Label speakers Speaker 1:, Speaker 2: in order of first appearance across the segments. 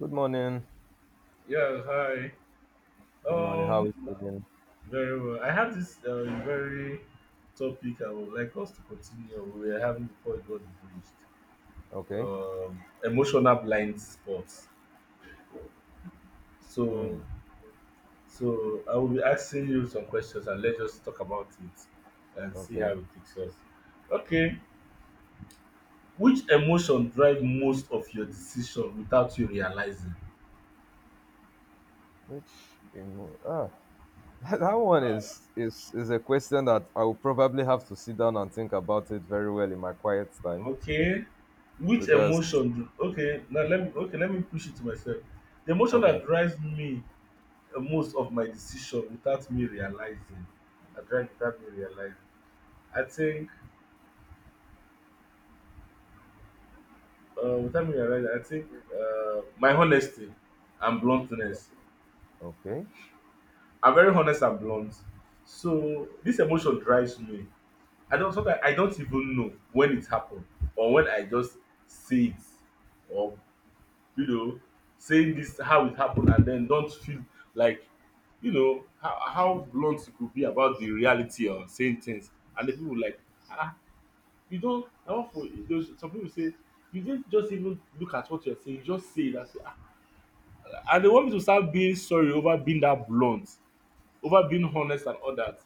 Speaker 1: Good morning.
Speaker 2: Yes, hi.
Speaker 1: Good morning. How is
Speaker 2: Um,
Speaker 1: it doing?
Speaker 2: Very well. I have this very topic I would like us to continue. We were having before it got breached.
Speaker 1: Okay.
Speaker 2: Emotional blind spots. So,
Speaker 1: Mm,
Speaker 2: so I will be asking you some questions, and let's just talk about it and see how
Speaker 1: okay.
Speaker 2: it takes us. Okay. Which emotion drive most of your decision without you realizing?
Speaker 1: Which emo- ah, that one is a question that I will probably have to sit down and think about it very well in my quiet time
Speaker 2: Okay. Which
Speaker 1: because
Speaker 2: emotion do okay, Now let me let me push it to myself. The emotion
Speaker 1: okay,
Speaker 2: that drives me most of my decision without me realizing. I drive without me realizing. I think without me realizing, I think my honesty and bluntness.
Speaker 1: okay,
Speaker 2: I'm very honest and blunt. So this emotion drives me. I don't sometimes I don't even know when it happened, or when I just say it, or you know, saying this how it happened and then don't feel like, you know, how blunt you could be about the reality of saying things. And the people like, ah, you don't na one for those, some people say you didn't just even look at what you're saying, you just say that, and ah, they want me to start being sorry over being that blunt, over being honest and all that.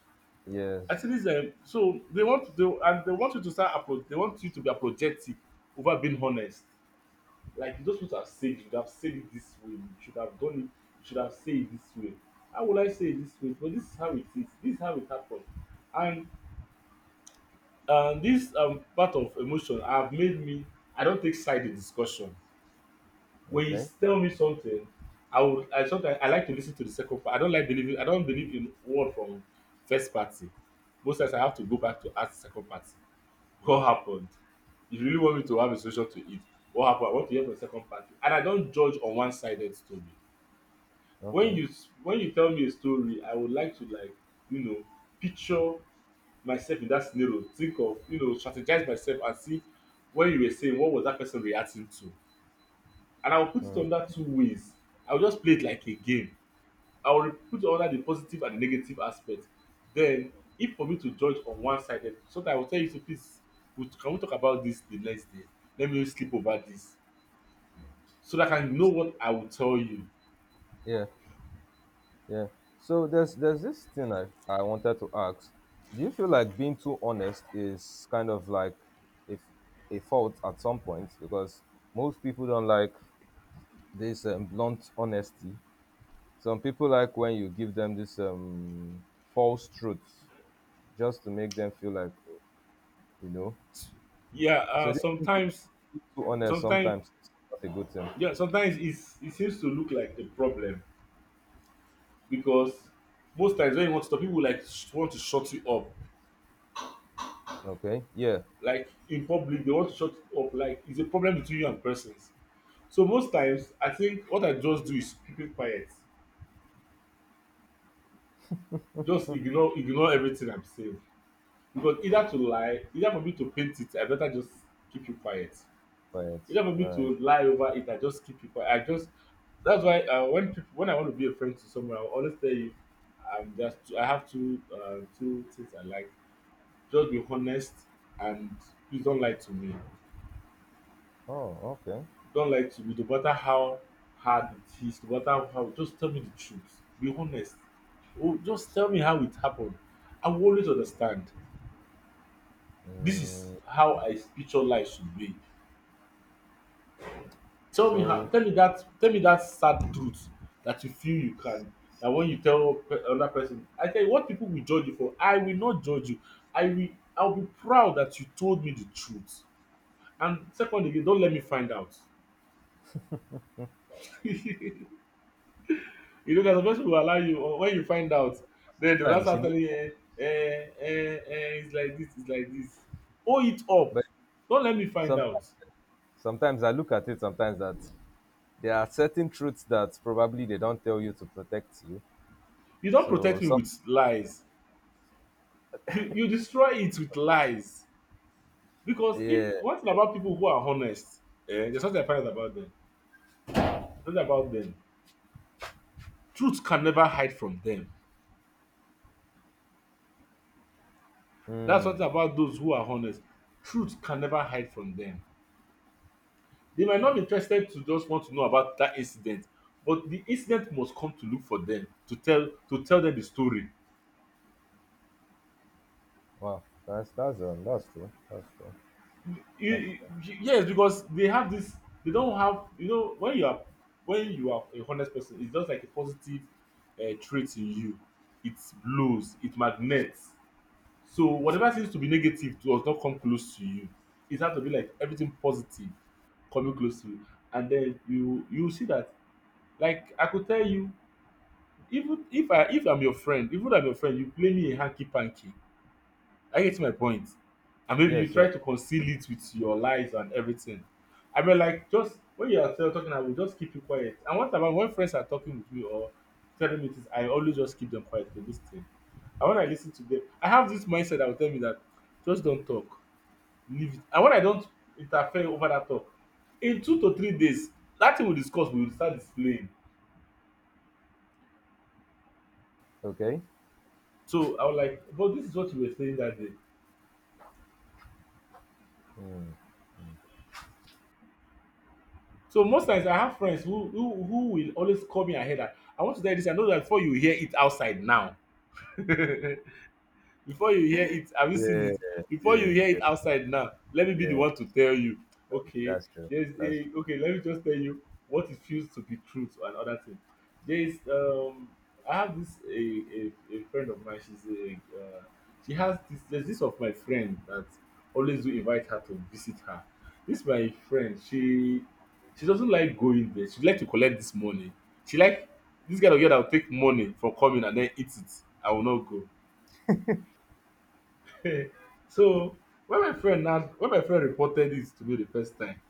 Speaker 1: yes,
Speaker 2: I think this um, they want you to start apolo they want you to be apologetic over being honest. Like those people have said you should have said it this way, you should have done it, you should have said it this way. How would I say it this way? But this is how it is, this is how it happened. And this part of emotion have made me, I don't take side in discussion. When you
Speaker 1: okay,
Speaker 2: tell me something, I sometimes I like to listen to the second part. I don't believe in word from first party. Most times I have to go back to ask the second party. What happened? If you really want me to have a solution to it, what happened? I want to hear from the second party. And I don't judge on one sided story.
Speaker 1: okay,
Speaker 2: When you tell me a story, I would like to, like, you know, picture myself in that scenario, think of, you know, strategize myself and see when you were saying what was that person reacting to. And I will put it
Speaker 1: mm,
Speaker 2: on that two ways. I will just play it like a game. I will put under the positive and the negative aspect. Then, if for me to judge on one sided, sometimes I will tell you to please, can we talk about this the next day? Let me sleep over this so that I can know what I will tell you.
Speaker 1: yeah, yeah. So there's this thing I wanted to ask. Do you feel like being too honest is kind of like if a fault at some point because most people don't like this blunt honesty. Some people like when you give them this false truths just to make them feel like, you know.
Speaker 2: Yeah,
Speaker 1: So this thing like
Speaker 2: sometimes,
Speaker 1: being too honest
Speaker 2: sometimes,
Speaker 1: sometimes is not a good thing.
Speaker 2: yeah, sometimes it seems to look like a problem because most times when you want to talk, people like want to shut you up.
Speaker 1: Okay, yeah,
Speaker 2: Like in public, they want to shut you up. Like it's a problem between you and persons. So most times, I think what I just do is keep it quiet. Just ignore everything I'm saying, because either to lie, either for me to paint it, I better just keep you quiet,
Speaker 1: but
Speaker 2: either for me
Speaker 1: right.
Speaker 2: to lie over it, I just keep you quiet, I just, that's why when people, when I want to be a friend to someone, I will always tell you, I'm just, I have two two things I like. Just be honest, and please don't lie to me.
Speaker 1: Oh, okay.
Speaker 2: Don't lie to me, no matter how hard it is, no matter how, just tell me the truth, be honest. Oh, just tell me how it happened, I will always understand. This is
Speaker 1: Mm,
Speaker 2: how I picture life should be. Tell me how,
Speaker 1: so
Speaker 2: tell me that sad truth that you feel you can, that when you tell another person, I tell you what people will judge you for, I will not judge you. I will I will be proud that you told me the truth. And secondly, again, don't let me find out. You know, there's a person who will allow you, or when you find out, then they will now
Speaker 1: sometimes
Speaker 2: start telling you, eh, eh eh, it's like this, it's like this. Hold it up.
Speaker 1: but
Speaker 2: Don't let me find
Speaker 1: sometimes
Speaker 2: out.
Speaker 1: sometimes I look at it sometimes that there are certain truths that probably they don't tell you to protect you.
Speaker 2: You don't
Speaker 1: So
Speaker 2: protect me
Speaker 1: some
Speaker 2: with lies. You destroy it with lies. Because
Speaker 1: yeah.
Speaker 2: if one thing about people who are honest, eh, there's something I find about them. There's something about them. Truth can never hide from them. That's
Speaker 1: Hmm.
Speaker 2: something about those who are honest. Truth can never hide from them. They might not be interested to just want to know about that incident, but the incident must come to look for them to tell them the story.
Speaker 1: Wow. That's true. That's true. That's right.
Speaker 2: Yes, because they have this, they don't have, you know, when you are, when you are a honest person, it's just like a positive trait in you. It blows, it magnets. So whatever seems to be negative does not come close to you. It has to be like everything positive coming close to you. And then you see that, like I could tell you, even if I'm your friend, even if I'm your friend, you play me a hanky panky, I get my point. And maybe you
Speaker 1: Yes, yes.
Speaker 2: try to conceal it with your lies and everything. I mean, like, just when you are still talking, I will just keep you quiet. And what about when friends are talking with me or telling me things, I always just keep them quiet to listen. And when I listen to them, I have this mindset that will tell me that just don't talk, leave it. And when I don't interfere over that talk, in 2 to 3 days, that thing we discuss, we will start displaying.
Speaker 1: Okay.
Speaker 2: So I was like, but this is what you were saying that day.
Speaker 1: Hmm.
Speaker 2: So most times I have friends who who will always call me ahead, that, I want to tell you this. I know that before you hear it outside now. Before you hear it, have you seen
Speaker 1: Yeah,
Speaker 2: it, before you
Speaker 1: yes,
Speaker 2: hear it
Speaker 1: yes,
Speaker 2: outside now, let me be the
Speaker 1: yes.
Speaker 2: one to tell you. Okay,
Speaker 1: That's true.
Speaker 2: there's
Speaker 1: That's
Speaker 2: a,
Speaker 1: true.
Speaker 2: okay, let me just tell you what it feels to be truth and other thing. There is, um, I have this a friend of mine, she's a, uh, she has this, there's this of my friend that always do invite her to visit her. This my friend, she doesn't like going there, she like to collect this money, she like this kind of girl that will take money for coming and then eat it, I will not go. So when my friend reported this to me the first time,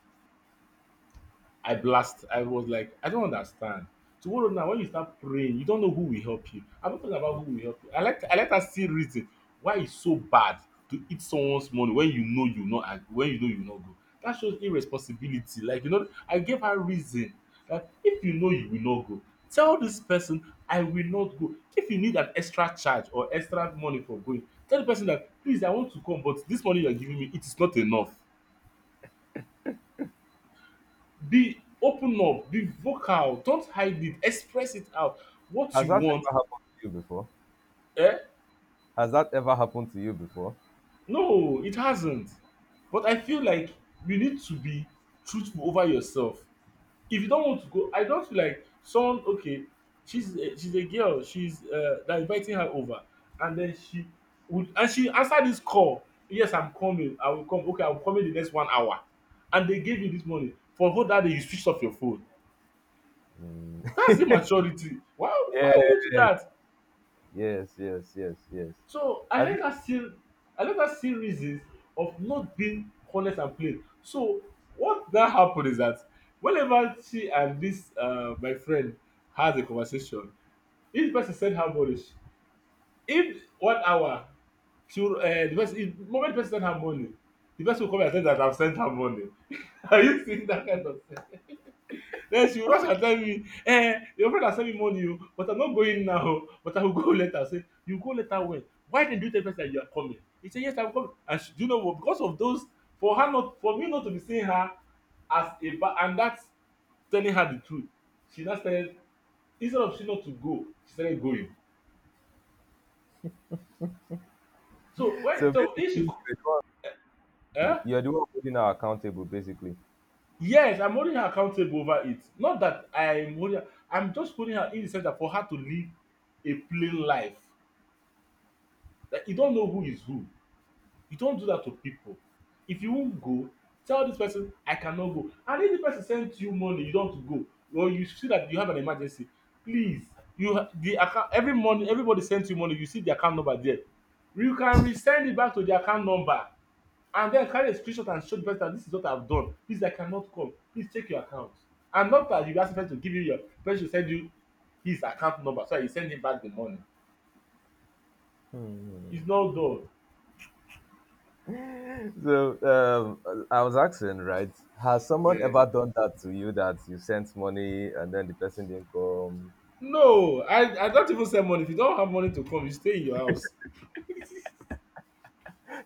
Speaker 2: I blast. I was like, I don't understand. Tomorrow now, when you start praying, you don't know who will help you. I'm not talking about who will help you. I let her see reason why it's so bad to eat someone's money when you know you not when you know you not go. That shows irresponsibility. Like you know, I gave her reason that if you know you will not go, tell this person I will not go. If you need an extra charge or extra money for going, tell the person that please I want to come, but this money you are giving me it is not enough, be open up, be vocal, don't hide it, express it out. What
Speaker 1: Has
Speaker 2: you
Speaker 1: that
Speaker 2: want,
Speaker 1: ever happened to you before?
Speaker 2: eh?
Speaker 1: Has that ever happened to you before?
Speaker 2: No, it hasn't. But I feel like you need to be truthful over yourself. If you don't want to go, I don't feel like someone, okay, she's a girl, she's they're inviting her over, and then she would and she answered this call. Yes, I'm coming, I will come. Okay, I'll come in the next 1 hour. And they gave you this money. For whole that day you switched off your phone.
Speaker 1: Mm.
Speaker 2: That's immaturity. Why
Speaker 1: Yeah.
Speaker 2: why would you do that?
Speaker 1: Yes, yes, yes, yes.
Speaker 2: So
Speaker 1: I feel,
Speaker 2: I let her see reasons of not being honest and plain. So what that happened is that whenever she and this my friend has a conversation, each person send her money. If 1 hour she will, the person, if moment the person send her money, the person will come and say that I've sent her money. Are you seeing that kind of, then she will rush and tell me, eh, your friend has sent me money, oh, but I'm not going now, oh, but I will go later. I say, you go later when? Why didn't you tell me that you are coming? He said, yes, I'm coming. And she, do you know what? Because of those, for her not, for me not to be seeing her as a, and that's telling her the truth. She now started, instead of she not to go, she started going. So
Speaker 1: so
Speaker 2: when, so if she,
Speaker 1: basically,
Speaker 2: co-
Speaker 1: you're the
Speaker 2: eh?
Speaker 1: one you're the one holding her accountable, basically.
Speaker 2: Yes, I'm holding her accountable over it. Not that I'm holding her, I'm just holding her in the center for her to live a plain life. Like you don't know who is who. You don't do that to people. If you won't go, tell this person, I cannot go. And if the person sends you money, you don't want to go, or you see that you have an emergency, please, you ha- the account every money, everybody sends you money, you see the account number there. You can resend it back to the account number and then carry a screenshot and show the person that this is what I've done. Please, I cannot come. Please check your account. And not that you ask the person to give you your person should send you his account number so that you send him back the money. It's not done.
Speaker 1: So I was asking, right? Has someone
Speaker 2: Yes.
Speaker 1: ever done that to you that you sent money and then the person didn't come?
Speaker 2: No, I don't even send money. If you don't have money to come, you stay in your house.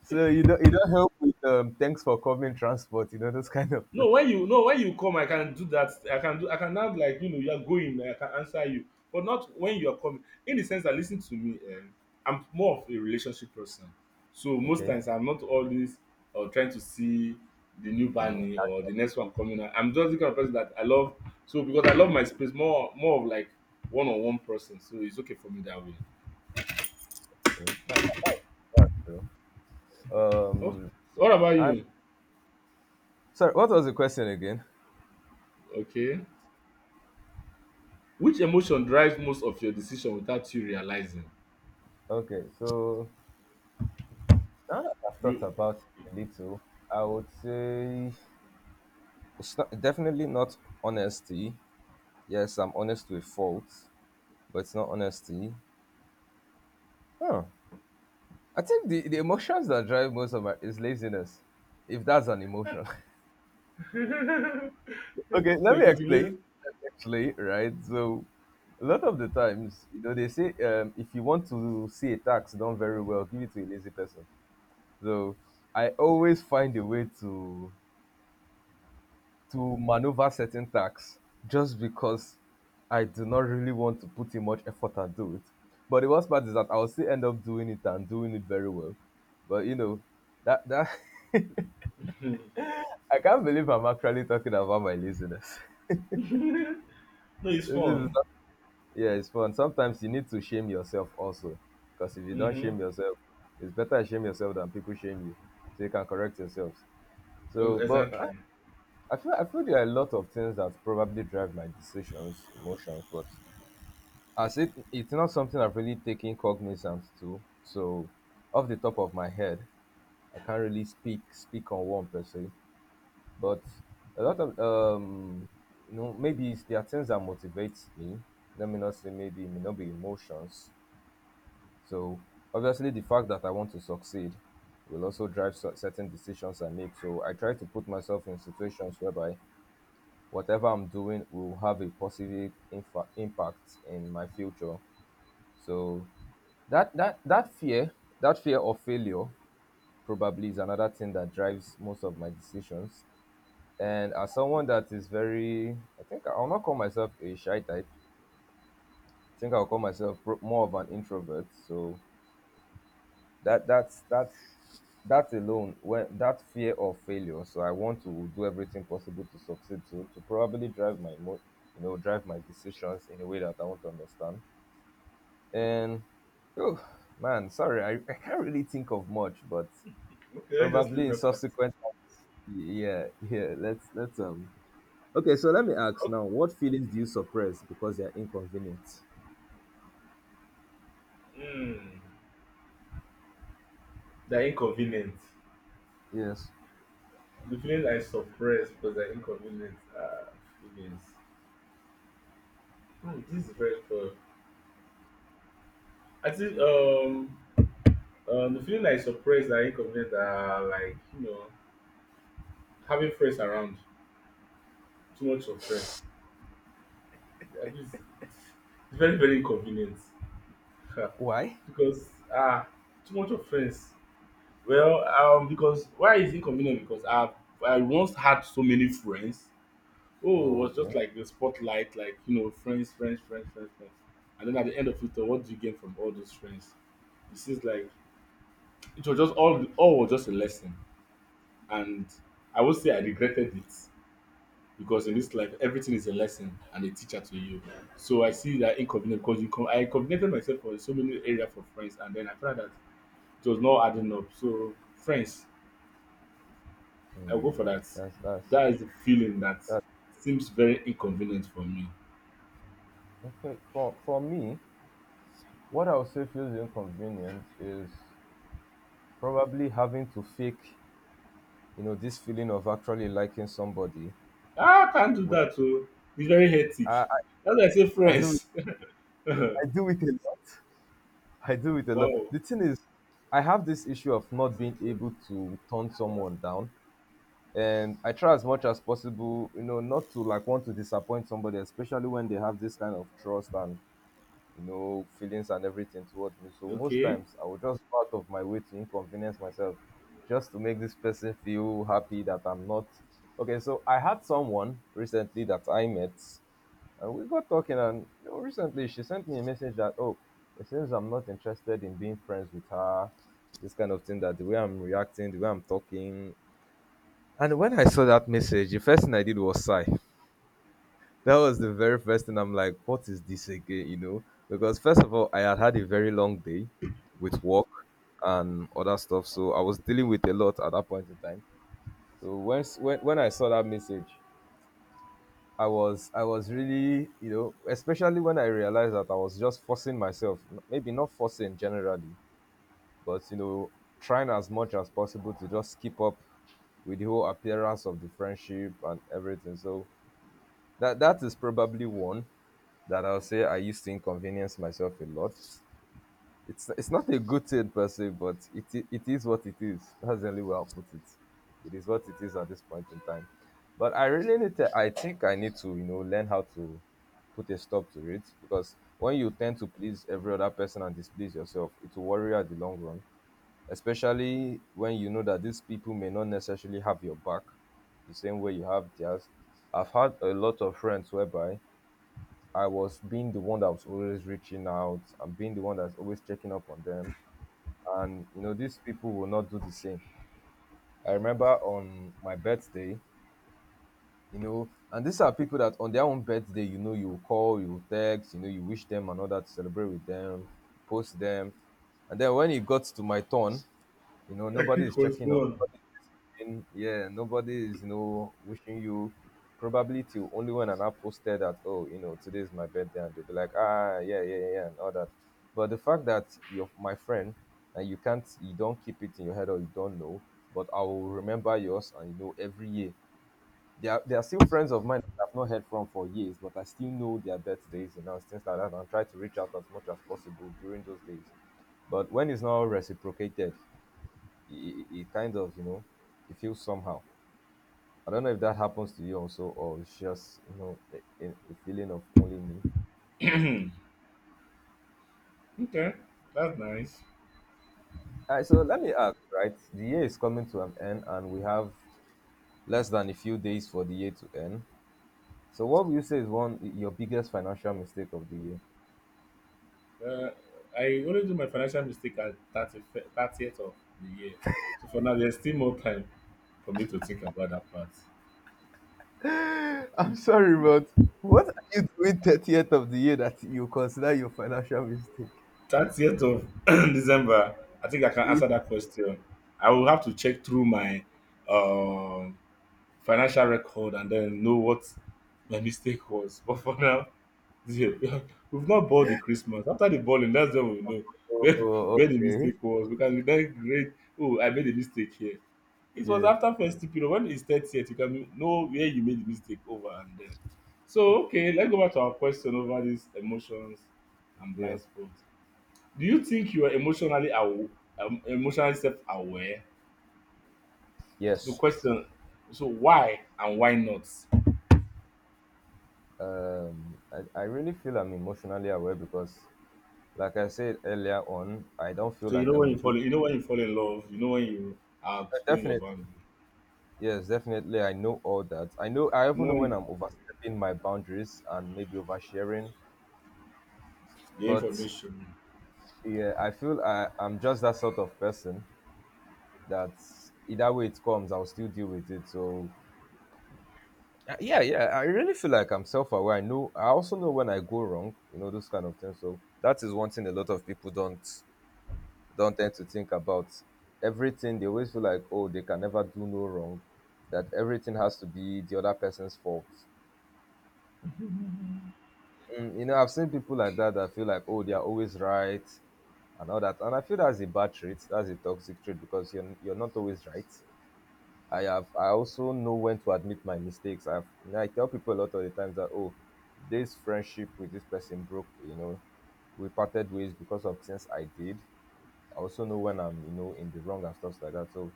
Speaker 1: So you don't help with thanks for coming transport, you know those kind of
Speaker 2: No,
Speaker 1: things.
Speaker 2: when you come, I can do that. I can now, like, you know you are going. I can answer you, but not when you are coming. In the sense that, listen to me, I'm more of a relationship person. So most
Speaker 1: Okay.
Speaker 2: times I'm not always trying to see the new
Speaker 1: Mm,
Speaker 2: bunny or the
Speaker 1: casually.
Speaker 2: next one coming out. I'm just the kind of person that I love. So because I love my space, more more of like one on one person. So it's okay for me that way.
Speaker 1: That, that, that's true.
Speaker 2: Oh,
Speaker 1: Um,
Speaker 2: so what about
Speaker 1: I'm
Speaker 2: you?
Speaker 1: sorry. What was the question again?
Speaker 2: Okay. Which emotion drives most of your decision without you realizing?
Speaker 1: Okay, so now that I've thought
Speaker 2: You
Speaker 1: about it a little, I would say it's not definitely not honesty. Yes, I'm honest with faults, but it's not honesty. Huh. I think the emotions that drive most of my is laziness, if that's an emotion.
Speaker 2: so
Speaker 1: Okay, let me
Speaker 2: it could be
Speaker 1: explain.
Speaker 2: lazy.
Speaker 1: Actually, right? So a lot of the times, you know, they say if you want to see a tax done very well, give it to a lazy person. So I always find a way to maneuver certain tax just because I do not really want to put in much effort and do it. But the worst part is that I'll still end up doing it and doing it very well. But you know, that
Speaker 2: Hmm.
Speaker 1: I can't believe I'm actually talking about my laziness.
Speaker 2: No, it's
Speaker 1: this is
Speaker 2: fun.
Speaker 1: Yeah, it's fun. Sometimes you need to shame yourself also. Because if you don't
Speaker 2: Mm-hmm.
Speaker 1: shame yourself, it's better shame yourself than people shame you. So you can correct yourselves. So
Speaker 2: Exactly.
Speaker 1: I feel there are a lot of things that probably drive my decisions, emotions, but as it it's not something I've really taken cognizance to. So off the top of my head, I can't really speak on one per se. But a lot of you know, maybe it's, there are things that motivates me. Let me not say maybe it may not be emotions. So obviously, the fact that I want to succeed will also drive certain decisions I make. So I try to put myself in situations whereby whatever I'm doing will have a positive impact in my future. So that that fear of failure, probably is another thing that drives most of my decisions. And as someone that is very, I think I'll not call myself a shy type. I think I'll call myself more of an introvert. So that's that's that alone when that fear of failure so I want to do everything possible to succeed to probably drive my you know drive my decisions in a way that I want to understand and oh man sorry I can't really think of much but
Speaker 2: Okay, let's just leave
Speaker 1: probably in
Speaker 2: that part.
Speaker 1: subsequent times, yeah yeah let's okay so let me ask now what feelings do you suppress because they are inconvenient
Speaker 2: Mm. They're inconvenient.
Speaker 1: yes
Speaker 2: The feelings I suppress because they're inconvenient are feelings. Hmm, this is very tough. I think the feeling I suppress that are inconvenient are, like, you know, having friends around. Too much of friends. At least it's very inconvenient. Ha.
Speaker 1: why
Speaker 2: Because ah, too much offense. Because why is it inconvenient? Because I once had so many friends. Oh, it was
Speaker 1: okay.
Speaker 2: just like the spotlight, like, you know, friends, friends, friends, friends, friends. And then at the end of it all, what do you gain from all those friends? It seems like it was just all was just a lesson. And I would say I regretted it, because in this life everything is a lesson and a teacher to you. So I see that inconvenient because I inconvenienced myself for so many area for friends, and then I found that it was not adding up. So friends, I go
Speaker 1: Hmm.
Speaker 2: for that.
Speaker 1: That's
Speaker 2: That is the feeling that seems very inconvenient for me.
Speaker 1: Okay, for me, what I would say feels inconvenient is probably having to fake, you know, this feeling of actually liking somebody.
Speaker 2: Ah, I can't do
Speaker 1: Where
Speaker 2: that, o. It's very hectic.
Speaker 1: I,
Speaker 2: That's why I say
Speaker 1: I, I do it,
Speaker 2: friends.
Speaker 1: I do it a lot. I do it a lot.
Speaker 2: Wow.
Speaker 1: The thing is, I have this issue of not being able to turn someone down, and I try as much as possible, you know, not to like want to disappoint somebody, especially when they have this kind of trust and you know, feelings and everything towards me. So most
Speaker 2: Okay.
Speaker 1: times I would just go out of my way to inconvenience myself just to make this person feel happy that I'm not. Okay, so I had someone recently that I met and we got talking and you know, recently she sent me a message that, oh, it seems I'm not interested in being friends with her. This kind of thing that the way I'm reacting, the way I'm talking. And when I saw that message, the first thing I did was sigh. That was the very first thing I'm like, what is this again? You know, because first of all, I had had a very long day with work and other stuff, so I was dealing with a lot at that point in time. So when I saw that message, I was really you know, especially when I realized that I was just forcing myself, maybe not forcing generally, but you know, trying as much as possible to just keep up with the whole appearance of the friendship and everything. So that is probably one. That I'll say I used to inconvenience myself a lot. It's not a good thing per se, but it is what it is. That's the only way I'll put it. It is what it is at this point in time. But I really need to. I think I need to you know learn how to put a stop to it because when you tend to please every other person and displease yourself, it will worry you at the long run. Especially when you know that these people may not necessarily have your back the same way you have theirs. I've had a lot of friends whereby I was being the one that was always reaching out and being the one that's always checking up on them. And, you know, these people will not do the same. I remember on my birthday, you know, and these are people that on their own birthday, you know, you call, you text, you know, you wish them and all that, celebrate with them, post them. And then when it got to my turn, you know, nobody
Speaker 2: Hectic
Speaker 1: is
Speaker 2: was
Speaker 1: checking up.
Speaker 2: one.
Speaker 1: Nobody wishing, yeah, nobody is, you know, wishing you probability only when an app posted that, oh, you know, today is my birthday, and they'll be like, ah, yeah, yeah, yeah, yeah, and all that. But the fact that you're my friend and you can't, you don't keep it in your head or you don't know, but I will remember yours and you know every year. There are still friends of mine that I've not heard from for years, but I still know their birthdays and you know, things like that and try to reach out as much as possible during those days. But when it's not reciprocated, it kind of, you know, it feels somehow. I don't know if that happens to you also, or it's just you know a feeling of only me.
Speaker 2: Okay, that's nice.
Speaker 1: All right, so let me ask, right? The year is coming to an end, and we have less than a few days for the year to end. So, what would you say is one your biggest financial mistake of the year?
Speaker 2: Uh, I only do my financial mistake at 30, 30th of the year. So for now, there's still more time for me to think about that part.
Speaker 1: I'm sorry, but what are you doing 30th of the year that you consider your financial mistake?
Speaker 2: 30th of December, I think I can
Speaker 1: Yeah.
Speaker 2: answer that question. I will have to check through my um, financial record and then know what my mistake was. But for now, yeah, we've not bought the Christmas. After the balling, that's when we know where,
Speaker 1: Oh,
Speaker 2: where the
Speaker 1: okay.
Speaker 2: mistake was. Because we can then grade, oh, I made a mistake here. It was
Speaker 1: Yeah,
Speaker 2: after festive period, when it's 30th, you can know where you made the mistake over and then. So, okay, let's go back to our question over these emotions and
Speaker 1: yeah.
Speaker 2: blind spots. Do you think you are emotionally self aware? The
Speaker 1: Yes.
Speaker 2: question, so why and why not?
Speaker 1: I really feel I'm emotionally aware because like I said earlier on, I don't feel
Speaker 2: So you
Speaker 1: like
Speaker 2: know
Speaker 1: I'm
Speaker 2: when
Speaker 1: a
Speaker 2: you
Speaker 1: good.
Speaker 2: fall in love, you know when you are outgoing your
Speaker 1: Definitely,
Speaker 2: boundary,
Speaker 1: yes, definitely. I know all that. I know. I
Speaker 2: you
Speaker 1: even
Speaker 2: know
Speaker 1: know
Speaker 2: when you,
Speaker 1: when I'm overstepping my boundaries and maybe oversharing.
Speaker 2: the
Speaker 1: But
Speaker 2: information.
Speaker 1: yeah, I'm just that sort of person that either way it comes, I'll still deal with it. So yeah, yeah. I really feel like I'm self-aware. I know. I also know when I go wrong. You know those kind of things. So that is one thing a lot of people don't tend to think about everything. They always feel like, oh, they can never do no wrong, that everything has to be the other person's fault. Mm, you know, I've seen people like that that feel like, oh, they are always right and all that. And I feel that's a bad trait. That's a toxic trait because you're not always right. I also know when to admit my mistakes. I tell people a lot of the times that oh, this friendship with this person broke. You know, we parted ways because of things I did. I also know when I'm in the wrong and stuff like that. So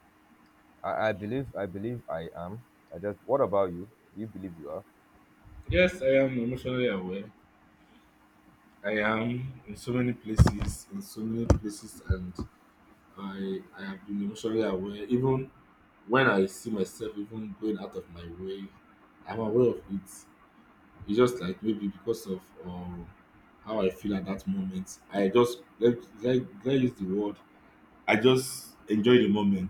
Speaker 1: I believe I am. I just What about you? Do you believe you are?
Speaker 2: Yes, I am emotionally aware. I am in so many places, in so many places, and I have been emotionally aware. Even when I see myself even going out of my way, I'm aware of it. It's just like maybe because of how I feel at that moment. I just let use the word. I just enjoy the moment.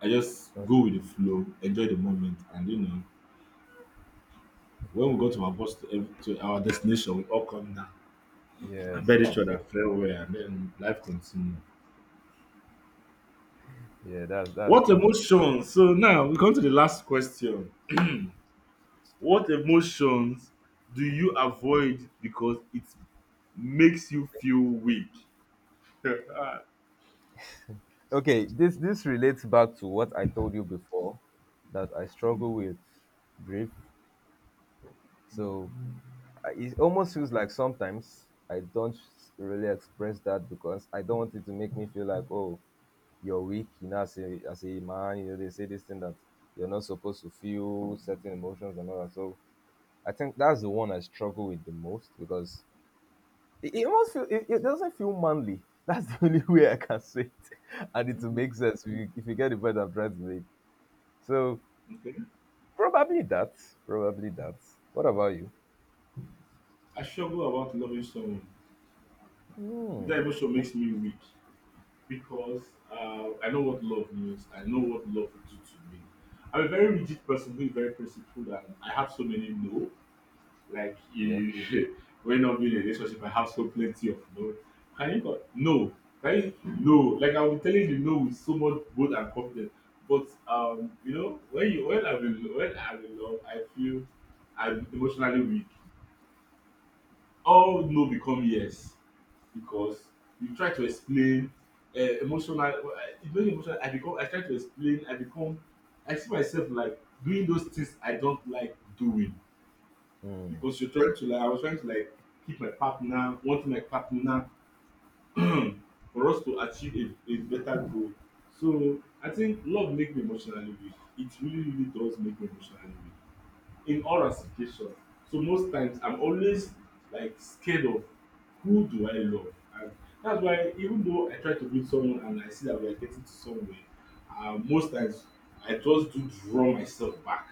Speaker 2: I just
Speaker 1: Oh.
Speaker 2: go with the flow, enjoy the moment, and you know when we got to our bus to, to our destination, we all come down and
Speaker 1: Yes,
Speaker 2: bid each
Speaker 1: yes, yes.
Speaker 2: other farewell, and then life continues.
Speaker 1: Yeah, that's
Speaker 2: What
Speaker 1: true.
Speaker 2: emotion? So now we come to the last question. What emotions do you avoid because it makes you feel weak?
Speaker 1: Okay, this relates back to what I told you before that I struggle with grief. So it almost feels like sometimes I don't really express that because I don't want it to make me feel like oh you're weak. You know, as a man, you know they say this thing that you're not supposed to feel certain emotions and all that. So I think that's the one I struggle with the most because it almost feel, it doesn't feel manly. That's the only way I can say it, and it will make sense if if you get the point I'm trying to make. So
Speaker 2: Okay.
Speaker 1: probably that, probably that. What about you?
Speaker 2: I struggle about loving someone.
Speaker 1: Hmm.
Speaker 2: That emotion
Speaker 1: Oh.
Speaker 2: makes me weak, because I know what love means. I know what love will do to me. I'm a very rigid person who is very principled, and I have so many no. Like
Speaker 1: Yeah.
Speaker 2: you, when not being in a relationship, I have so plenty of no. Can you go? No. Can you? No. Like I'll be telling you no with so much bold and confidence. But you know, when you when I'm in love, I feel I'm emotionally weak. All no become yes, because you try to explain It's very emotional. I become. I try to explain. I become. I see myself like doing those things I don't like doing,
Speaker 1: Hmm.
Speaker 2: because you're trying to like, I was trying to like, keep my partner, want my partner, for us to achieve a better goal. So I think love make me emotionally weak. It really, really does make me emotionally weak in all ramifications. So most times I'm always like scared of who do I love? And that's why even though I try to meet someone and I see that we are getting to somewhere, most times I just do draw myself back,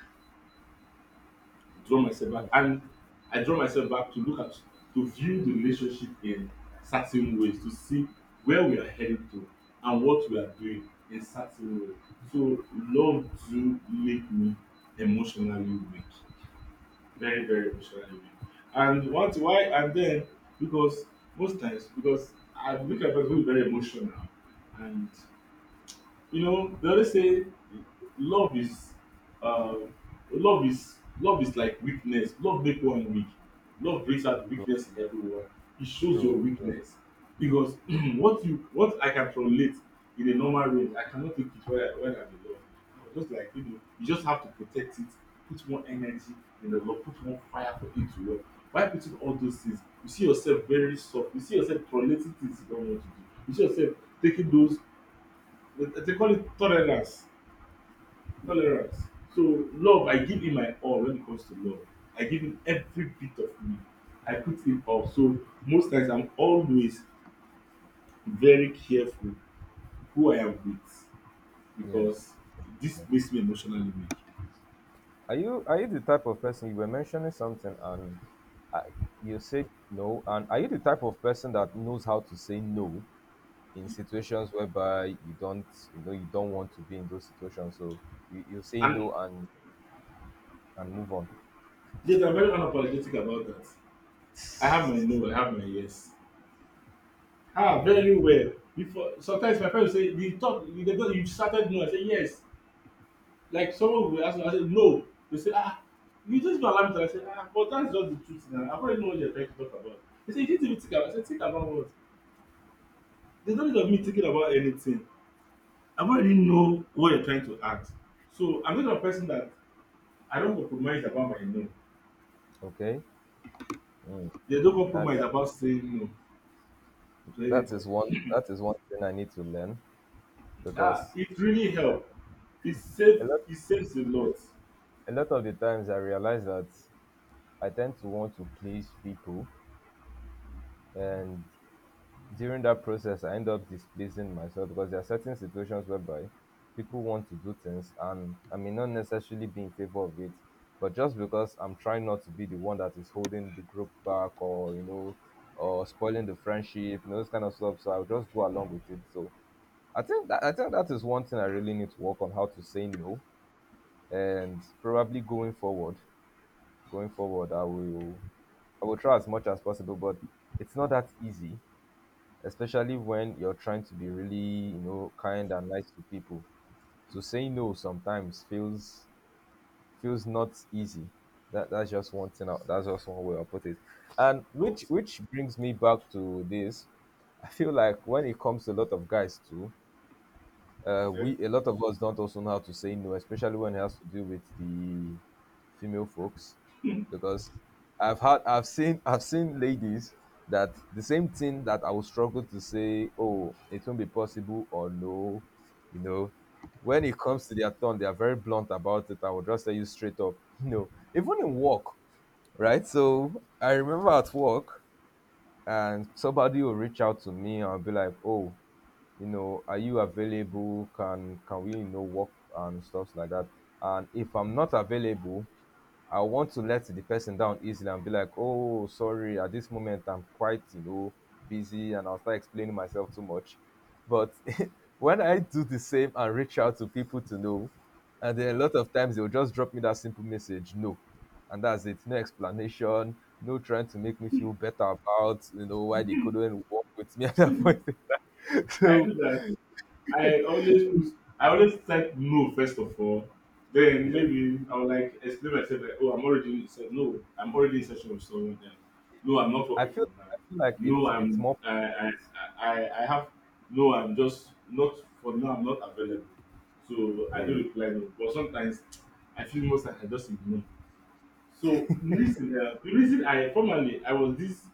Speaker 1: Hmm.
Speaker 2: and I draw myself back to look at, to view the relationship in certain ways, to see where we are heading to and what we are doing in certain ways. So love do make me emotionally weak. Very, very emotionally weak. And what, why, and then, because most times because I look at people who is very emotional, and you know, they always say love is uh, love is like weakness. Love make one weak. Love brings out
Speaker 1: True.
Speaker 2: weakness in everyone. It shows
Speaker 1: True.
Speaker 2: your
Speaker 1: Yeah.
Speaker 2: weakness because what I can tolerate in a normal range, I cannot take it when I'm alone. I'm just like, you know, you just have to protect it. Put more energy in the love. Put more fire for it to work. By putting all those things, you see yourself very soft. You see yourself tolerating things you don't want to do. You see yourself taking those, they call it tolerance. Tolerance. So love, I give him my all when it comes to love. I give him every bit of me. I put him all. So most times I'm always very careful who I am with,
Speaker 1: Yes.
Speaker 2: because this
Speaker 1: Yeah.
Speaker 2: makes me emotionally weak.
Speaker 1: Are you the type of person you were mentioning something and uh, you said no? And are you the type of person that knows how to say no in situations whereby you don't you know you don't want to be in those situations? So you say
Speaker 2: And
Speaker 1: no and and move on.
Speaker 2: yes, I'm very unapologetic about that. I have my no, I have my yes. Ah,
Speaker 1: Okay,
Speaker 2: very well. Before, sometimes my friends say you talk, you, you started no, I say yes. Like someone will ask me, I say no. They say, ah, you just don't allow me to. I say, ah, but that's just the truth now. I already know what you're trying to talk about. They say you didn't even think about. I say, think about what? There's no need of me thinking about anything. I already know what you're trying to act. So I'm not a person that I don't compromise about my no.
Speaker 1: okay. Mm.
Speaker 2: They don't
Speaker 1: That
Speaker 2: compromise about saying no to anybody.
Speaker 1: that is one thing I need to learn
Speaker 2: Ah,
Speaker 1: because
Speaker 2: it really helps.
Speaker 1: a lot
Speaker 2: It saves a lot.
Speaker 1: a lot of the times I realize that I tend to want to please people, and during that process I end up displeasing myself because there are certain situations whereby people want to do things and I may not necessarily be in favor of it, but just because I'm trying not to be the one that is holding the group back or you know or spoiling the friendship, you know, this kind of stuff. So I'll just go along with it. So I think that is one thing I really need to work on how to say no, and going forward, I will try as much as possible, but it's not that easy, especially when you're trying to be really you know kind and nice to people. To say no sometimes feels not easy. That that's just one thing. That's just one way I put it, and
Speaker 2: Oh,
Speaker 1: which brings me back to this. I feel like when it comes to a lot of guys too,
Speaker 2: okay.
Speaker 1: we a lot of us don't also know how to say no, especially when it has to do with the female folks, because I've seen ladies that the same thing that I will struggle to say, oh, it won't be possible or no, you know, when it comes to their turn, they are very blunt about it. I will just tell you straight up, no, even in work, right? So I remember at work, and somebody will reach out to me and be like, "Oh, you know, are you available? Can we, you know, work and stuff like that?" And if I'm not available, I want to let the person down easily and be like, oh, sorry, at this moment I'm quite, you know, busy and I'll start explaining myself too much. But when I do the same and reach out to people to know, and then a lot of times they'll just drop me that simple message, no. And that's it. No explanation, no trying to make me feel better about, you know, why they couldn't work with me at that point.
Speaker 2: I
Speaker 1: So
Speaker 2: do that. I always put, I always type no first of all. Then
Speaker 1: yeah.
Speaker 2: maybe I will like explain myself like, oh, I'm already said no, I'm already in session with someone else. No, I'm not
Speaker 1: I
Speaker 2: working
Speaker 1: feel
Speaker 2: for now.
Speaker 1: I feel like
Speaker 2: No,
Speaker 1: it's more
Speaker 2: I have no, I'm just not for now. I'm not available. So I do
Speaker 1: yeah.
Speaker 2: reply no, but sometimes I feel most like I just ignore. So listen, the reason I formerly I was this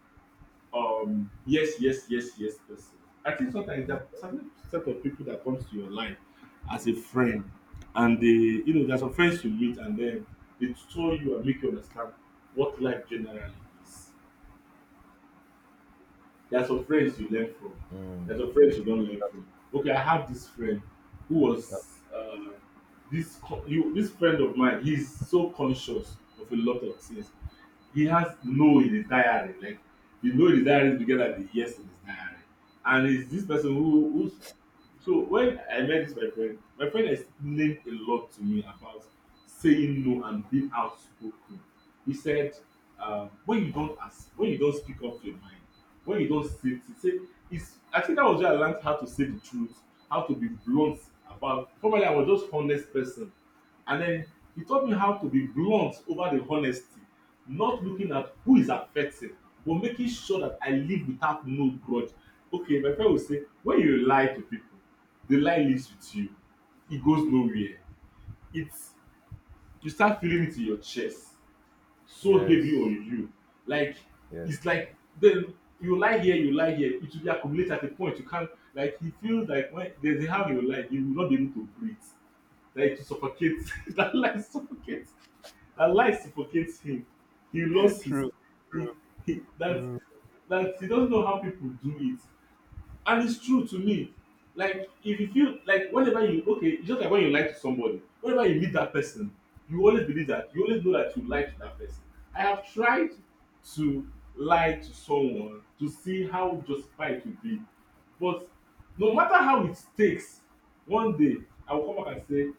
Speaker 2: yes person. I think sometimes there are
Speaker 1: Mm.
Speaker 2: certain set of people that comes to your life as a friend, and they, you know, there's some friends you meet and then they show you and make you understand what life generally is. There's some friends you learn from,
Speaker 1: Mm.
Speaker 2: there's some friends you don't learn from. Okay, I have this friend who was this this friend of mine. He's so conscious of a lot of things. He has no in his diary, like, you know, his diary is bigger than the yes in his diary. And it's this person who's so, when I met this my friend, my friend explained a lot to me about saying no and being outspoken. He said, when you don't ask, when you don't speak up your mind, when you don't say it, say it's, I think that was where I learned how to say the truth, how to be blunt. About, probably I was just honest person. And then he taught me how to be blunt over the honesty, not looking at who is affected, but making sure that I live without no grudge. Okay, my friend will say, when you lie to people, the lie lives with you. It goes nowhere. It's, you start feeling it in your chest, so heavy
Speaker 1: Yes.
Speaker 2: on you. Like,
Speaker 1: Yes.
Speaker 2: it's like then you lie here, you lie here. It will be accumulated at a point you can't. Like, he feels like when there's a how you lie, you will not be able to breathe. Like, to suffocate. That lie suffocates. Her lies suffocate him. He lost his,
Speaker 1: True.
Speaker 2: he he that he doesn't know how people do it. And it's true to me. Like, if you feel like whenever you, okay, it's just like when you lie to somebody, whenever you meet that person, you always believe that you always know that you lie to that person. I have tried to lie to someone to see how justified it would be. But no matter how it takes, one day I will come back and say,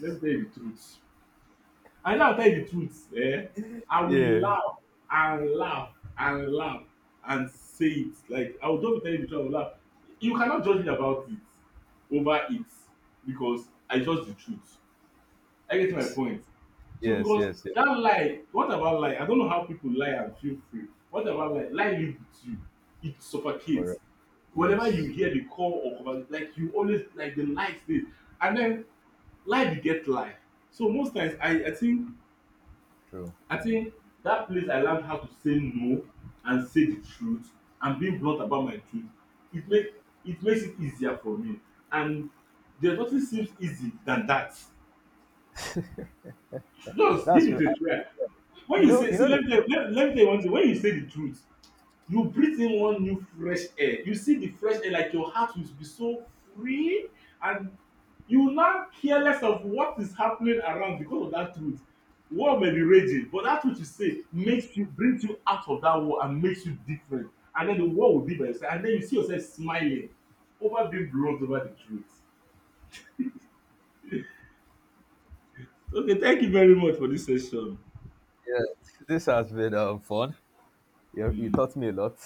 Speaker 2: let me tell you the truth. And now I tell you the truth. Eh? I will
Speaker 1: Yeah.
Speaker 2: laugh and laugh and laugh and say it. Like, I will just be telling you the truth, I will laugh. You cannot judge me about it over it because I just the truth. I get my point. So
Speaker 1: Yes,
Speaker 2: because
Speaker 1: yes, yes.
Speaker 2: that lie, what about lie? I don't know how people lie and feel free. What about lie? Lie live with you. It suffocates.
Speaker 1: Correct.
Speaker 2: Whenever you
Speaker 1: Yes.
Speaker 2: hear the call or conver- like you always, like the lie stays. And then lie beget lie. So most times I think,
Speaker 1: True.
Speaker 2: I think that place I learned how to say no and say the truth and being blunt about my truth, it make, it makes it easier for me. And there nothing seems easy than that. Just
Speaker 1: That's
Speaker 2: give it
Speaker 1: true.
Speaker 2: a try. When you say,
Speaker 1: You
Speaker 2: see,
Speaker 1: know
Speaker 2: let
Speaker 1: the,
Speaker 2: me tell you, let me tell you one thing, when you say the truth, you breathe in one new fresh air, you see the fresh air, like your heart will be so free. And you now careless of what is happening around because of that truth. War may be raging, but that truth you say makes you, brings you out of that war and makes you different, and then the war will be by your side, and then you see yourself smiling over being blunt over the truth. Okay, thank you very much for this session.
Speaker 1: yeah, this has been fun. You
Speaker 2: Mm.
Speaker 1: taught me a lot.